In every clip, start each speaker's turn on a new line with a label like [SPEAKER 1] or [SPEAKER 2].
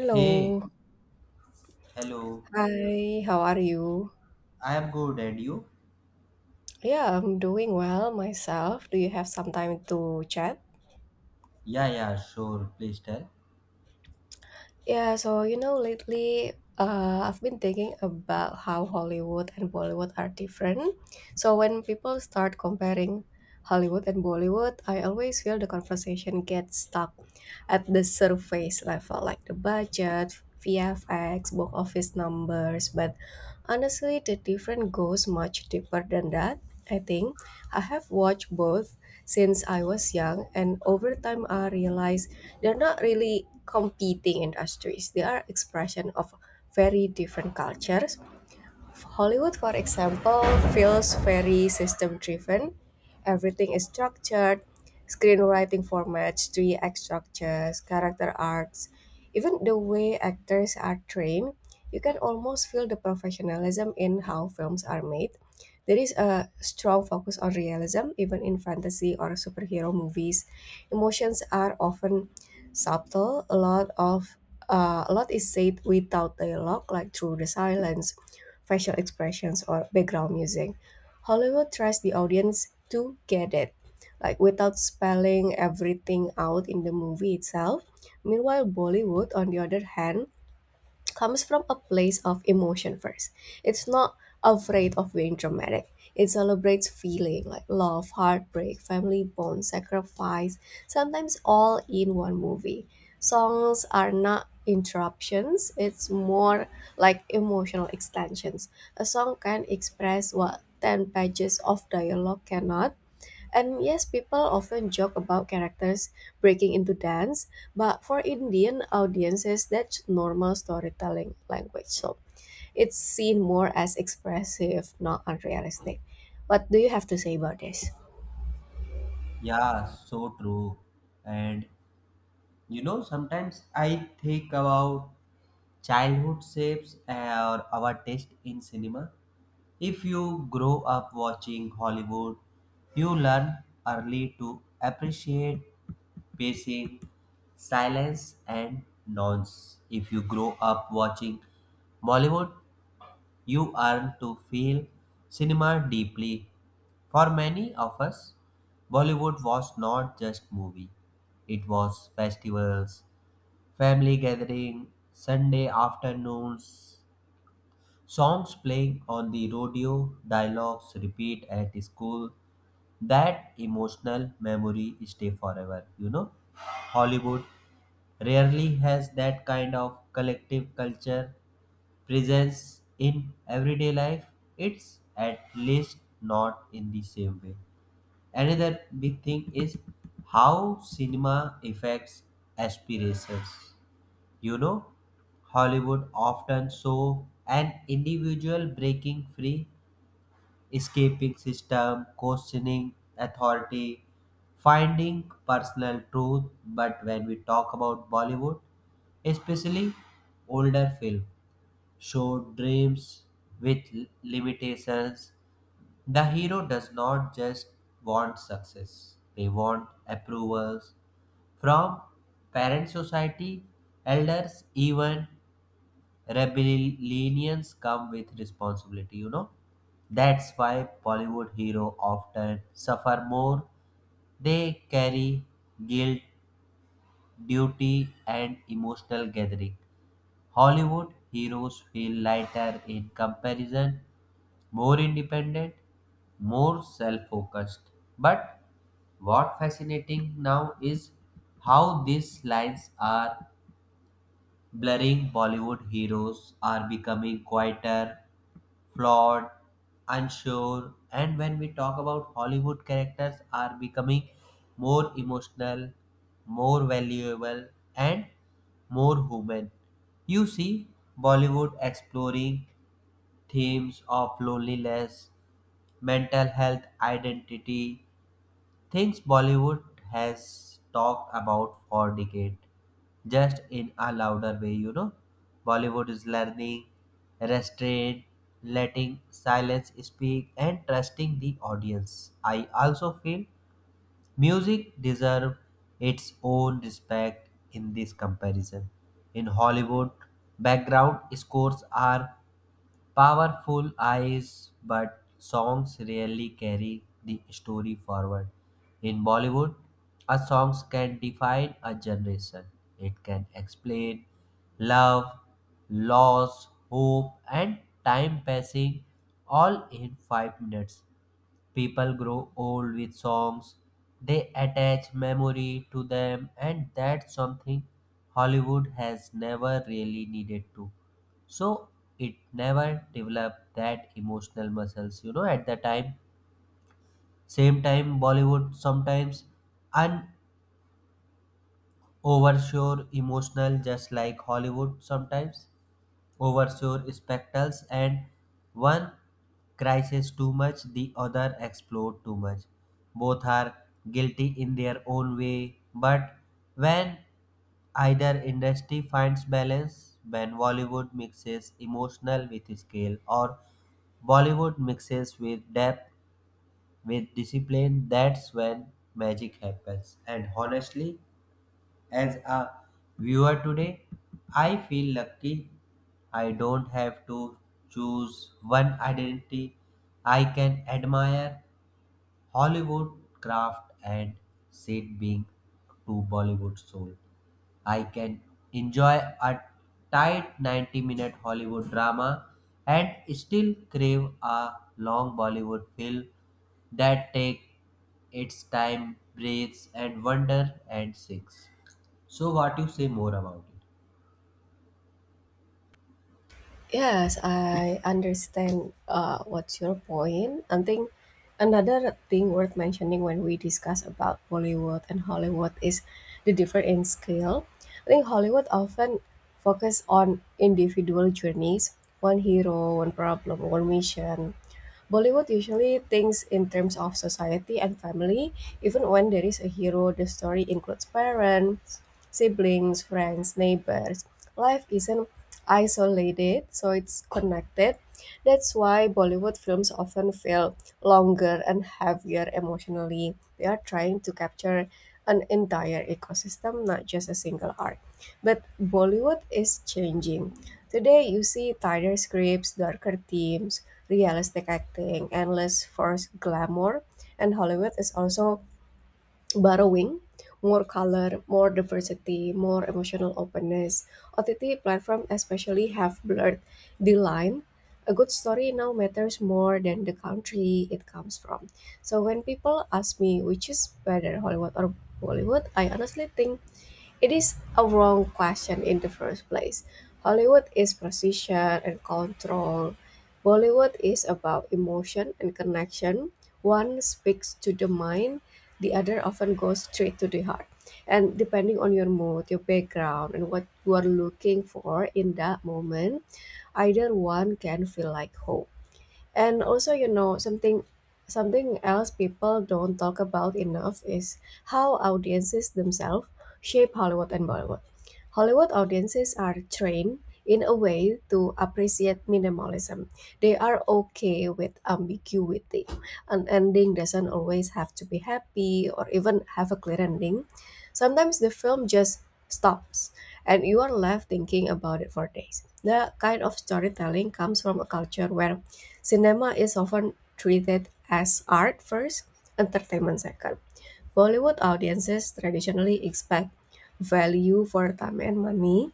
[SPEAKER 1] Hey, hello.
[SPEAKER 2] Hi, how are you?
[SPEAKER 1] I am good, and you?
[SPEAKER 2] Yeah, I'm doing well myself. Do you have some time to chat?
[SPEAKER 1] Yeah, sure. Please tell.
[SPEAKER 2] Yeah, so you know, lately I've been thinking about how Hollywood and Bollywood are different. So when people start comparing Hollywood and Bollywood, I always feel the conversation gets stuck at the surface level, like the budget, VFX, box office numbers. But honestly, the difference goes much deeper than that. I think I have watched both since I was young, and over time, I realized they're not really competing industries. They are expression of very different cultures. Hollywood, for example, feels very system driven. Everything is structured: screenwriting formats, three act structures, character arcs, even the way actors are trained. You can almost feel the professionalism in how films are made. There is a strong focus on realism, even in fantasy or superhero movies. Emotions are often subtle. A lot is said without dialogue, like through the silence, facial expressions, or background music. Hollywood tries the audience to get it, like without spelling everything out in the movie itself. Meanwhile, Bollywood, on the other hand, comes from a place of emotion first. It's not afraid of being dramatic. It celebrates feeling like love, heartbreak, family bonds, sacrifice, sometimes all in one movie. Songs are not interruptions, it's more like emotional extensions. A song can express what 10 pages of dialogue cannot, and yes, people often joke about characters breaking into dance, but for Indian audiences, that's normal storytelling language. So it's seen more as expressive, not unrealistic. What do you have to say about this?
[SPEAKER 1] Yeah, so true. And you know, sometimes I think about childhood shapes or our taste in cinema. If you grow up watching Hollywood, you learn early to appreciate pacing, silence, and nonce. If you grow up watching Bollywood, you earn to feel cinema deeply. For many of us, Bollywood was not just movie. It was festivals, family gathering, Sunday afternoons, songs playing on the radio, dialogues repeat at school. That emotional memory stay forever, you know. Hollywood rarely has that kind of collective culture presence in everyday life, it's at least not in the same way. Another big thing is how cinema affects aspirations, you know, Hollywood often show an individual breaking free, escaping system, questioning authority, finding personal truth. But when we talk about Bollywood, especially older film, show dreams with limitations. The hero does not just want success, they want approvals from parent society, elders, even rebellions come with responsibility, you know. That's why Bollywood hero often suffer more. They carry guilt, duty, and emotional gathering. Hollywood heroes feel lighter in comparison, more independent, more self focused. But what fascinating now is how these lines are blurring. Bollywood heroes are becoming quieter, flawed, unsure, and when we talk about Hollywood, characters are becoming more emotional, more valuable, and more human. You see Bollywood exploring themes of loneliness, mental health, identity, things Bollywood has talked about for decades, just in a louder way, you know. Bollywood is learning restraint, letting silence speak, and trusting the audience. I also feel music deserves its own respect in this comparison. In Hollywood, background scores are powerful eyes, but songs rarely carry the story forward. In Bollywood, a song can define a generation. It can explain love, loss, hope, and time passing all in 5 minutes. People grow old with songs, they attach memory to them, and that's something Hollywood has never really needed to. So it never developed that emotional muscles, you know, at the time. Same time, Bollywood sometimes and overshore emotional, just like Hollywood sometimes oversure spectacles, and one crisis too much, the other explode too much. Both are guilty in their own way, but when either industry finds balance, when Bollywood mixes emotional with scale, or Bollywood mixes with depth with discipline, that's when magic happens. And honestly, as a viewer today, I feel lucky I don't have to choose one identity. I can admire Hollywood craft and said being to Bollywood soul. I can enjoy a tight 90-minute Hollywood drama and still crave a long Bollywood film that take its time, breathes and wonder and sings. So what you say more about it?
[SPEAKER 2] Yes, I understand what's your point. I think another thing worth mentioning when we discuss about Bollywood and Hollywood is the difference in scale. I think Hollywood often focus on individual journeys, one hero, one problem, one mission. Bollywood usually thinks in terms of society and family. Even when there is a hero, the story includes parents, siblings, friends, neighbors. Life isn't isolated, so it's connected. That's why Bollywood films often feel longer and heavier emotionally. They are trying to capture an entire ecosystem, not just a single arc. But Bollywood is changing. Today, you see tighter scripts, darker themes, realistic acting, and less forced glamour. And Hollywood is also borrowing more color, more diversity, more emotional openness. OTT platform especially have blurred the line. A good story now matters more than the country it comes from. So when people ask me which is better, Hollywood or Bollywood, I honestly think it is a wrong question in the first place. Hollywood is precision and control. Bollywood is about emotion and connection. One speaks to the mind, the other often goes straight to the heart. And depending on your mood, your background, and what you are looking for in that moment, either one can feel like home. And also, you know, something else people don't talk about enough is how audiences themselves shape Hollywood and Bollywood. Hollywood audiences are trained in a way to appreciate minimalism. They are okay with ambiguity. An ending doesn't always have to be happy or even have a clear ending. Sometimes the film just stops and you are left thinking about it for days. That kind of storytelling comes from a culture where cinema is often treated as art first, entertainment second. Bollywood audiences traditionally expect value for time and money.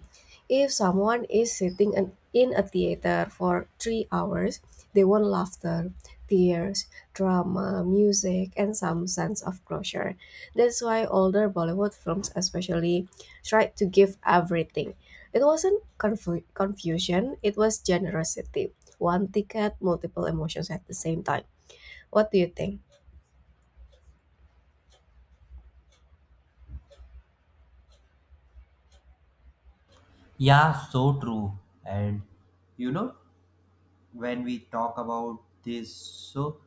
[SPEAKER 2] If someone is sitting in a theater for 3 hours, they want laughter, tears, drama, music, and some sense of closure. That's why older Bollywood films, especially, tried to give everything. It wasn't confusion, it was generosity: one ticket, multiple emotions at the same time. What do you think?
[SPEAKER 1] Yeah, so true. And you know, when we talk about this, so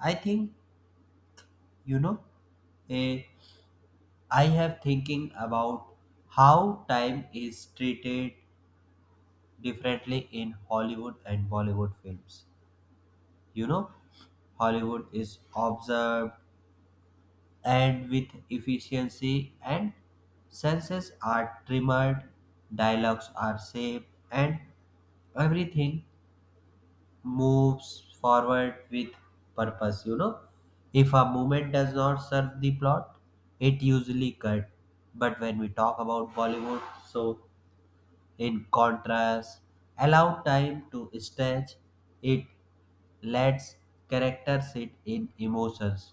[SPEAKER 1] I think, you know, eh, I have thinking about how time is treated differently in Hollywood and Bollywood films, you know. Hollywood is observed and with efficiency, and senses are trimmed, dialogues are saved, and everything moves forward with purpose, you know. If a movement does not serve the plot, it usually cut. But when we talk about Bollywood, so in contrast, allow time to stretch. It lets characters sit in emotions.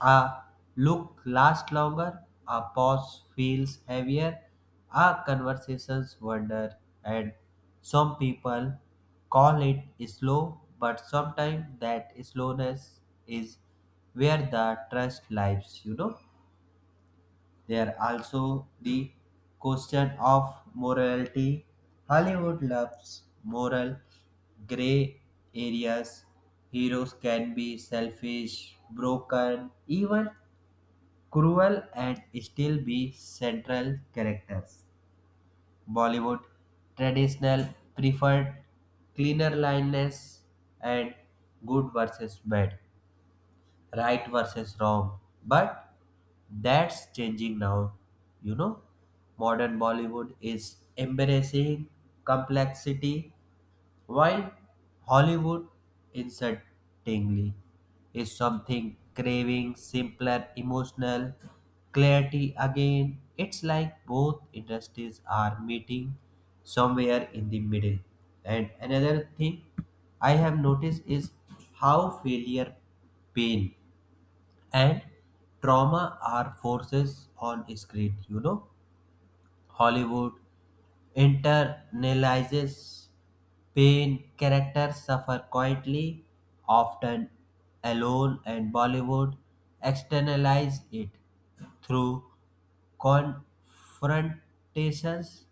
[SPEAKER 1] A look lasts longer, a pause feels heavier, a conversations wander, and some people call it slow, but sometimes that slowness is where the trust lies, you know. There are also the question of morality. Hollywood loves moral gray areas. Heroes can be selfish, broken, even cruel and still be central characters. Bollywood traditional preferred cleaner lineness and good versus bad, right versus wrong. But that's changing now, you know. Modern Bollywood is embracing complexity, while Hollywood incertainly is something craving simpler emotional clarity again. It's like both industries are meeting somewhere in the middle. And another thing I have noticed is how failure, pain, and trauma are forces on screen. You know, Hollywood internalizes pain, characters suffer quietly, often alone, and Bollywood externalizes it through confrontations,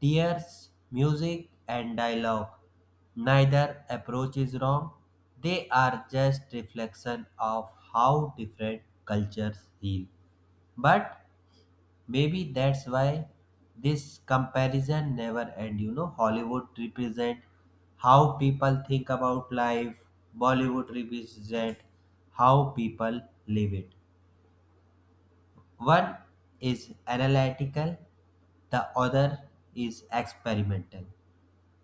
[SPEAKER 1] tears, music, and dialogue. Neither approach is wrong, they are just reflection of how different cultures heal. But maybe that's why this comparison never end. You know, Hollywood represent how people think about life. Bollywood represent how people live it. One is analytical, the other is experimental.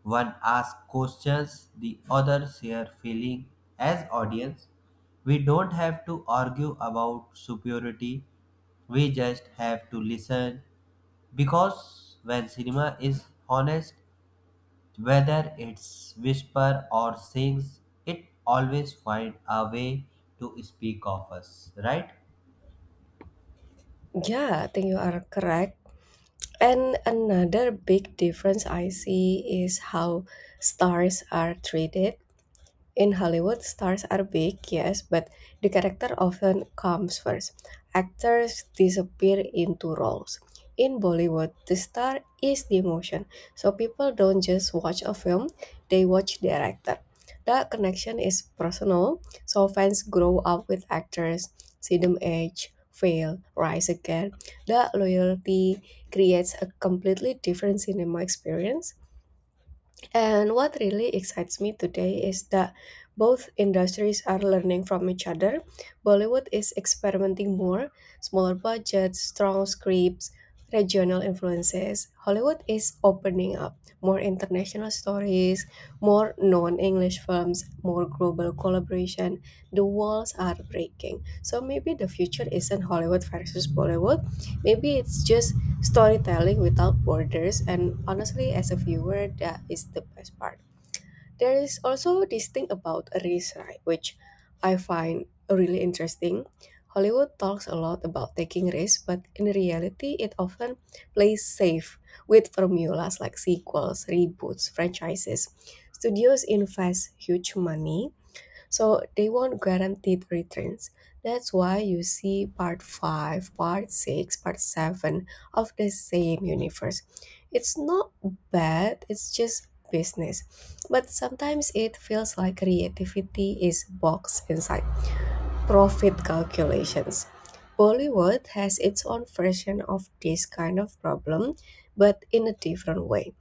[SPEAKER 1] One asks questions, the other share feelings. As audience, we don't have to argue about superiority. We just have to listen because when cinema is honest, whether it's whisper or sings, it always finds a way to speak of us, right?
[SPEAKER 2] Yeah, I think you are correct. And another big difference I see is how stars are treated. In Hollywood, stars are big, yes, but the character often comes first. Actors disappear into roles. In Bollywood, the star is the emotion, so people don't just watch a film, they watch the actor. That connection is personal, so fans grow up with actors, see them age, fail, rise again. That loyalty creates a completely different cinema experience. And what really excites me today is that both industries are learning from each other. Bollywood is experimenting more, smaller budgets, strong scripts, regional influences. Hollywood is opening up more international stories, more non English films, more global collaboration. The walls are breaking. So maybe the future isn't Hollywood versus Bollywood. Maybe it's just storytelling without borders, and honestly, as a viewer, that is the best part. There is also this thing about risk, right? Which I find really interesting. Hollywood talks a lot about taking risks, but in reality it often plays safe with formulas like sequels, reboots, franchises. Studios invest huge money, so they want guaranteed returns. That's why you see part 5, part 6, part 7 of the same universe. It's not bad, it's just business. But sometimes it feels like creativity is boxed inside profit calculations. Bollywood has its own version of this kind of problem, but in a different way.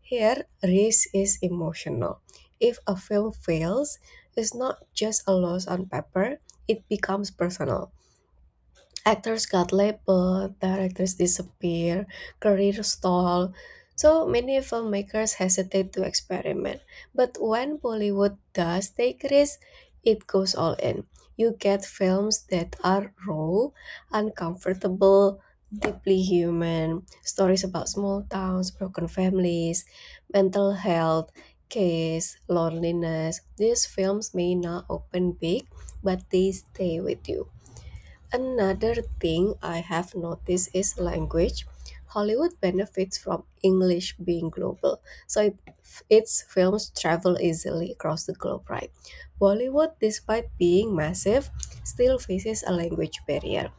[SPEAKER 2] Here, risk is emotional. If a film fails, it's not just a loss on paper, it becomes personal. Actors got labeled, directors disappear, career stall. So many filmmakers hesitate to experiment. But when Bollywood does take risks, it goes all in. You get films that are raw, uncomfortable, deeply human, stories about small towns, broken families, mental health, case, loneliness. These films may not open big, but they stay with you. Another thing I have noticed is language. Hollywood benefits from English being global, so its films travel easily across the globe, right? Bollywood, despite being massive, still faces a language barrier.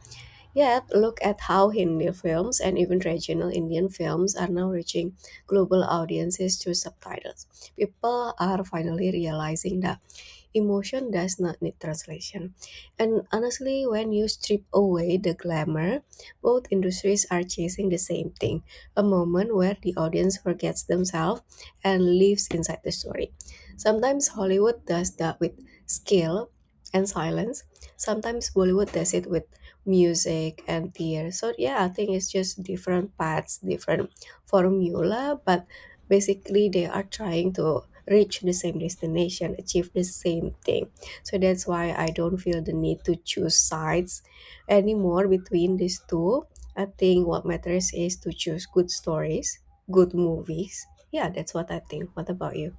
[SPEAKER 2] Yet, look at how Hindi films and even regional Indian films are now reaching global audiences through subtitles. People are finally realizing that emotion does not need translation. And honestly, when you strip away the glamour, both industries are chasing the same thing: a moment where the audience forgets themselves and lives inside the story. Sometimes Hollywood does that with skill and silence, sometimes Bollywood does it with music and theater. So, yeah, I think it's just different paths, different formula, but basically they are trying to reach the same destination, achieve the same thing. So that's why I don't feel the need to choose sides anymore between these two. I think what matters is to choose good stories, good movies. Yeah, that's what I think. What about you?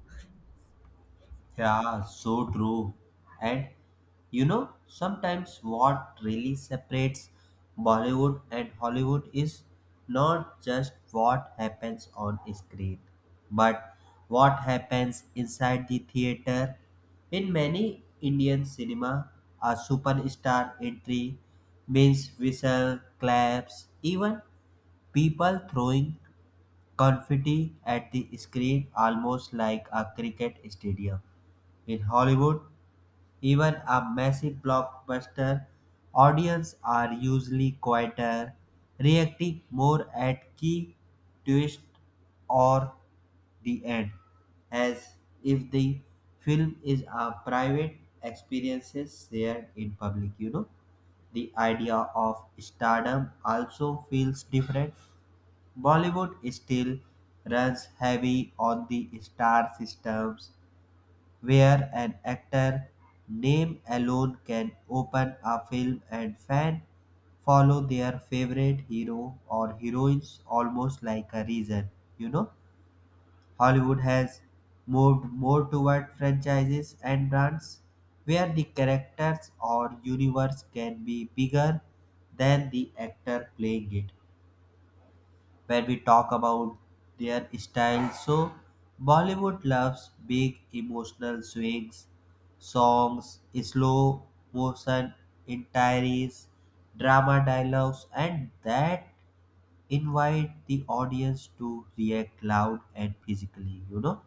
[SPEAKER 1] Yeah, so true. And you know, sometimes what really separates Bollywood and Hollywood is not just what happens on screen, but what happens inside the theater. In many Indian cinema, a superstar entry means whistle, claps, even people throwing confetti at the screen, almost like a cricket stadium. In Hollywood, even a massive blockbuster, audience are usually quieter, reacting more at key twist or the end, as if the film is a private experience shared in public, you know. The idea of stardom also feels different. Bollywood still runs heavy on the star systems, where an actor name alone can open a film and fan follow their favorite hero or heroines almost like a reason, you know. Hollywood has moved more toward franchises and brands, where the characters or universe can be bigger than the actor playing it. Where we talk about their style. So, Bollywood loves big emotional swings, songs, slow motion entiries, drama dialogues, and that invite the audience to react loud and physically, you know.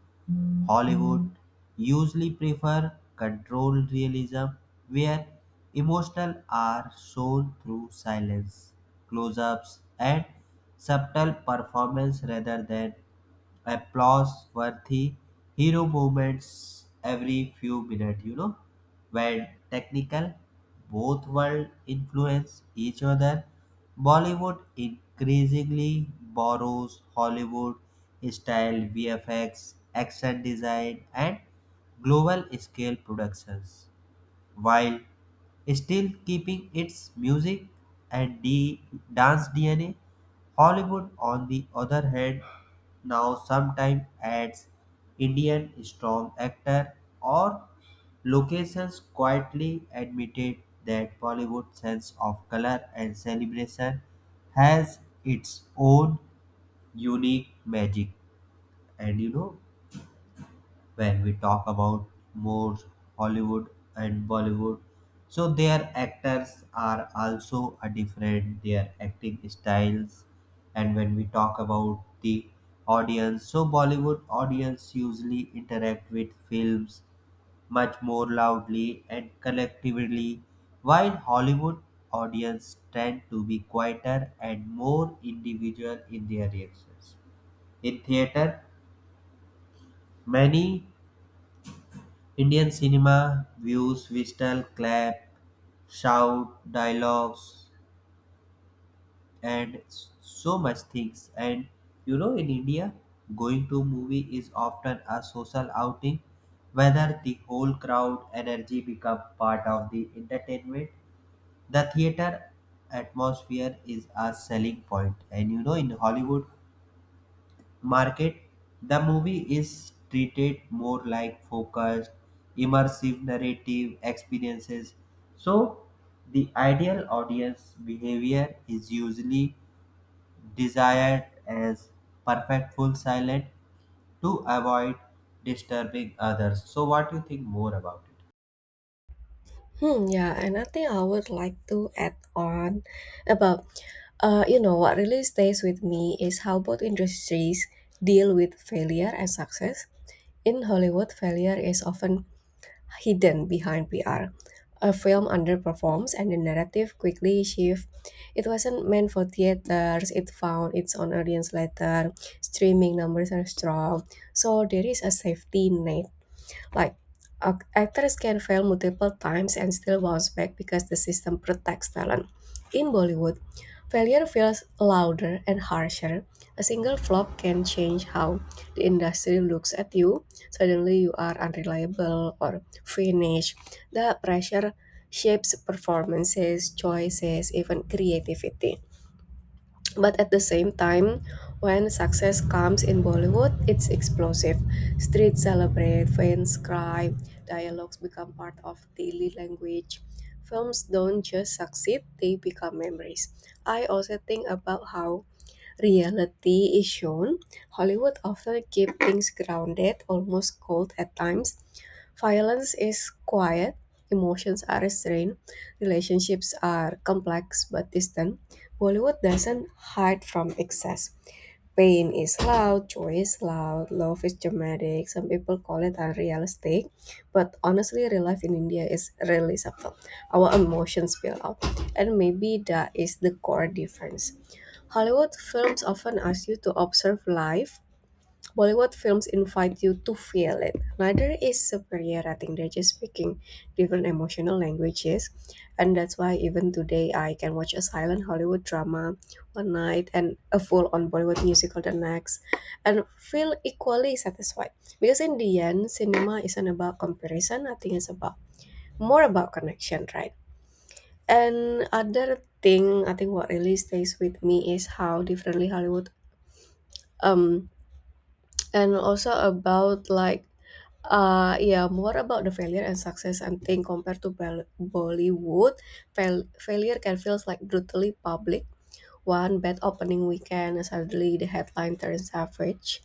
[SPEAKER 1] Hollywood usually prefer controlled realism, where emotional are shown through silence, close ups, and subtle performance rather than applause worthy hero moments every few minutes, you know, when technical both world influence each other. Bollywood increasingly borrows Hollywood style VFX, action design, and global scale productions while still keeping its music and dance DNA. Hollywood, on the other hand, now sometimes adds Indian strong actor or locations, quietly admitted that Bollywood's sense of color and celebration has its own unique magic. And you know, when we talk about more Hollywood and Bollywood. So their actors are also a different, their acting styles. And when we talk about the audience, so Bollywood audience usually interact with films much more loudly and collectively, while Hollywood audience tend to be quieter and more individual in their reactions. In theater, many Indian cinema views whistle, clap, shout, dialogues, and so much things. And you know, in India, going to movie is often a social outing, whether the whole crowd energy become part of the entertainment. The theater atmosphere is a selling point. And you know, in Hollywood market, the movie is treated more like focused, immersive narrative experiences. So, the ideal audience behavior is usually desired as perfect full silent to avoid disturbing others. So, what do you think more about it?
[SPEAKER 2] Hmm, yeah, and I think I would like to add on about, you know, what really stays with me is how both industries deal with failure and success. In Hollywood, failure is often hidden behind PR. A film underperforms and the narrative quickly shifts. It wasn't meant for theaters, it found its own audience later. Streaming numbers are strong, so there is a safety net. Like, actors can fail multiple times and still bounce back because the system protects talent. In Bollywood, failure feels louder and harsher. A single flop can change how the industry looks at you. Suddenly, you are unreliable or finished. The pressure shapes performances, choices, even creativity. But at the same time, when success comes in Bollywood, it's explosive. Streets celebrate, fans cry, dialogues become part of daily language. Films don't just succeed, they become memories. I also think about how reality is shown. Hollywood often keeps things grounded, almost cold at times. Violence is quiet, emotions are restrained, relationships are complex but distant. Bollywood doesn't hide from excess. Pain is loud, joy is loud, love is dramatic. Some people call it unrealistic, but honestly, real life in India is really subtle. Our emotions spill out, and maybe that is the core difference. Hollywood films often ask you to observe life. Bollywood films invite you to feel it. Neither is superior. I think they're just speaking different emotional languages. And that's why even today I can watch a silent Hollywood drama one night and a full on Bollywood musical the next and feel equally satisfied. Because in the end, cinema isn't about comparison. I think it's about more about connection, right? And other thing, I think what really stays with me is how differently Hollywood um and also about like yeah, more about the failure and success and thing compared to Bollywood failure can feels like brutally public. One bad opening weekend, suddenly the headline turns average.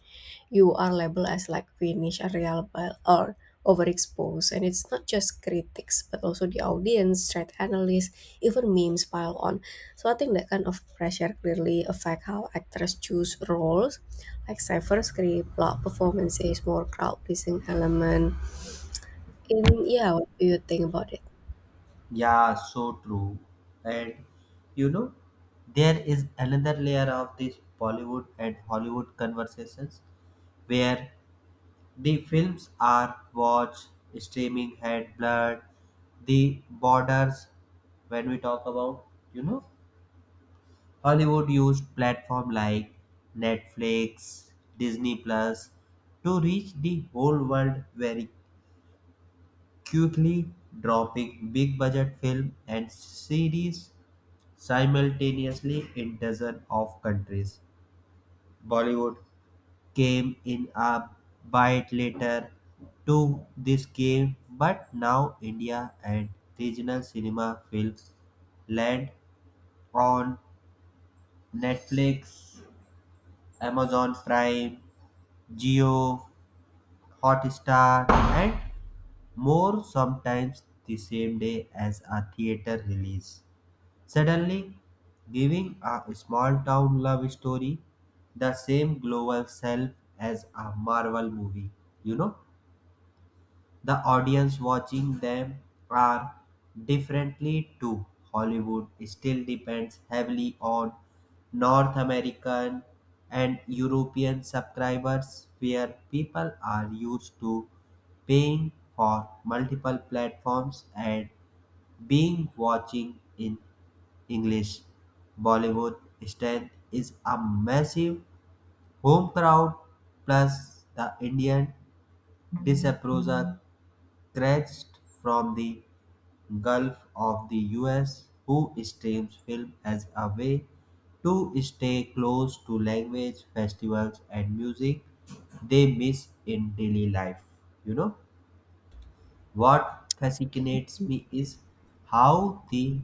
[SPEAKER 2] You are labeled as like Finnish, unreliable, or overexposed. And it's not just critics, but also the audience, threat analysts, even memes pile on. So I think that kind of pressure clearly affect how actors choose roles, like cipher script, plot performances, more crowd pleasing element. In yeah, what do you think about it?
[SPEAKER 1] Yeah, so true. And you know, there is another layer of this Bollywood and Hollywood conversations, where the films are watch, streaming head, blood, the borders. When we talk about, you know, Hollywood used platform like Netflix, Disney Plus to reach the whole world very quickly, dropping big budget film and series simultaneously in dozens of countries. Bollywood came in a bit later to this game, but now India and regional cinema films land on Netflix, Amazon Prime, Geo, Hotstar, and more, sometimes the same day as a theater release. Suddenly, giving a small town love story the same global self as a Marvel movie, you know? The audience watching them are differently too. Hollywood still depends heavily on North American and European subscribers, where people are used to paying for multiple platforms and being watching in English. Bollywood strength is a massive home crowd plus the Indian disapproval stretched from the Gulf of the US, who streams film as a way to stay close to language, festivals, and music they miss in daily life. You know, what fascinates me is how the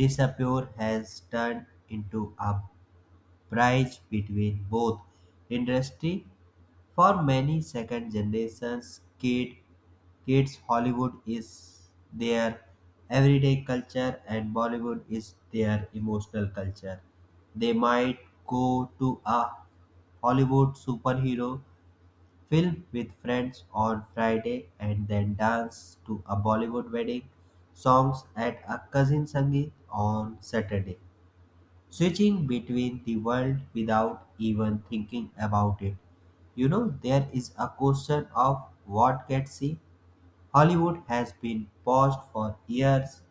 [SPEAKER 1] disappear has turned into a bridge between both industry. For many second generation kid, kids, Hollywood is their everyday culture and Bollywood is their emotional culture. They might go to a Hollywood superhero film with friends on Friday and then dance to a Bollywood wedding songs at a cousin's sangeet on Saturday, switching between the world without even thinking about it. You know, there is a question of what gets seen. Hollywood has been paused for years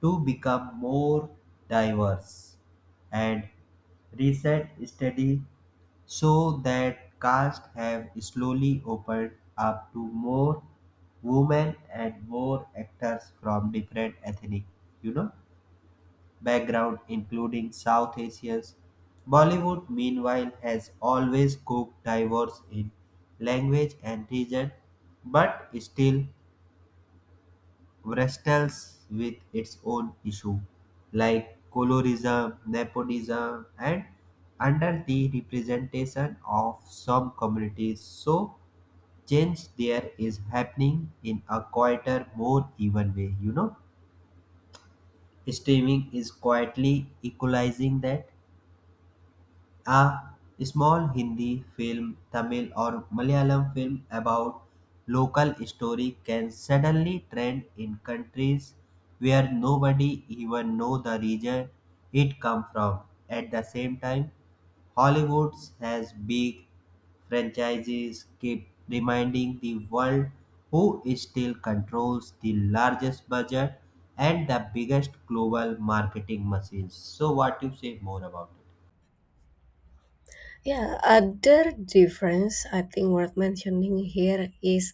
[SPEAKER 1] to become more diverse, and recent studies show that casts have slowly opened up to more women and more actors from different ethnic, you know, background, including South Asians. Bollywood, meanwhile, has always cooked diverse in language and region, but still wrestles with its own issue, like colorism, nepotism, and under the representation of some communities. So, change there is happening in a quieter, more even way. You know, streaming is quietly equalizing that a small Hindi film, Tamil or Malayalam film about local story can suddenly trend in countries where nobody even know the region it come from. At the same time, Hollywood has big franchises keep reminding the world who still controls the largest budget and the biggest global marketing machines. So what you say more about it?
[SPEAKER 2] Yeah, other difference I think worth mentioning here is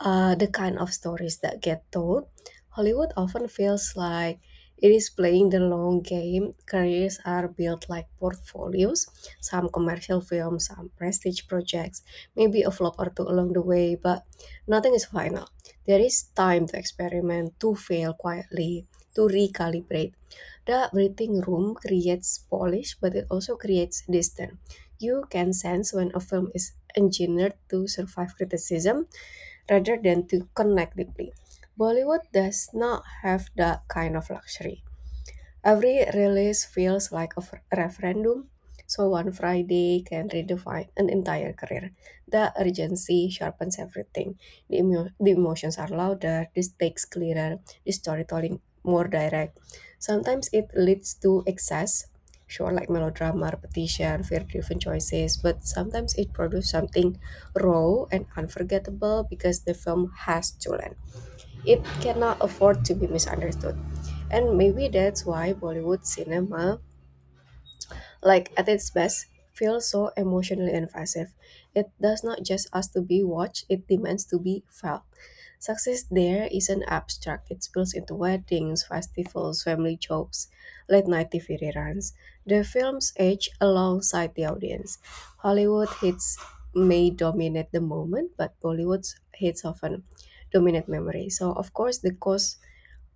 [SPEAKER 2] the kind of stories that get told. Hollywood often feels like it is playing the long game. Careers are built like portfolios, some commercial films, some prestige projects, maybe a flop or two along the way, but nothing is final. There is time to experiment, to fail quietly, to recalibrate. The breathing room creates polish, but it also creates distance. You can sense when a film is engineered to survive criticism rather than to connect deeply. Bollywood does not have that kind of luxury. Every release feels like a referendum, so one Friday can redefine an entire career. The urgency sharpens everything. The emotions are louder, the stakes clearer, the storytelling more direct. Sometimes it leads to excess, sure, like melodrama, repetition, fear driven choices, but sometimes it produces something raw and unforgettable because the film has to land. It cannot afford to be misunderstood. And maybe that's why Bollywood cinema, like at its best, feels so emotionally invasive. It does not just ask to be watched, it demands to be felt. Success there isn't abstract, it spills into weddings, festivals, family jokes, late night TV reruns. The films age alongside the audience. Hollywood hits may dominate the moment, but Bollywood's hits often dominate memory. So, of course, the cost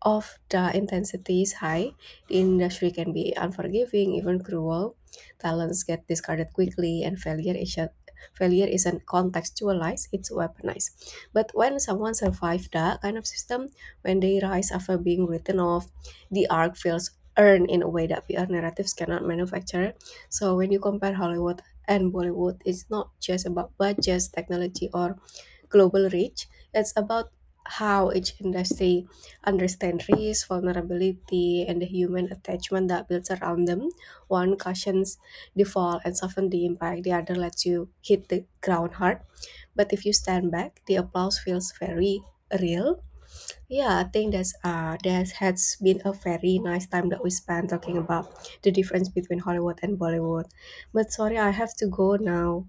[SPEAKER 2] of the intensity is high, the industry can be unforgiving, even cruel. Talents get discarded quickly, and failure isn't contextualized; it's weaponized. But when someone survives that kind of system, when they rise after being written off, the arc feels earned in a way that PR narratives cannot manufacture. So when you compare Hollywood and Bollywood, it's not just about budgets, technology, or global reach. It's about how each industry understands risk, vulnerability, and the human attachment that builds around them. One cushions the fall and softens the impact, the other lets you hit the ground hard. But if you stand back, the applause feels very real. Yeah, I think that's that has been a very nice time that we spent talking about the difference between Hollywood and Bollywood. But sorry, I have to go now.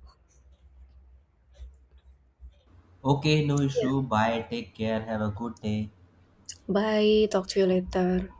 [SPEAKER 1] Okay, no
[SPEAKER 2] Yeah.
[SPEAKER 1] issue. Bye. Take care. Have a good day.
[SPEAKER 2] Bye. Talk to you later.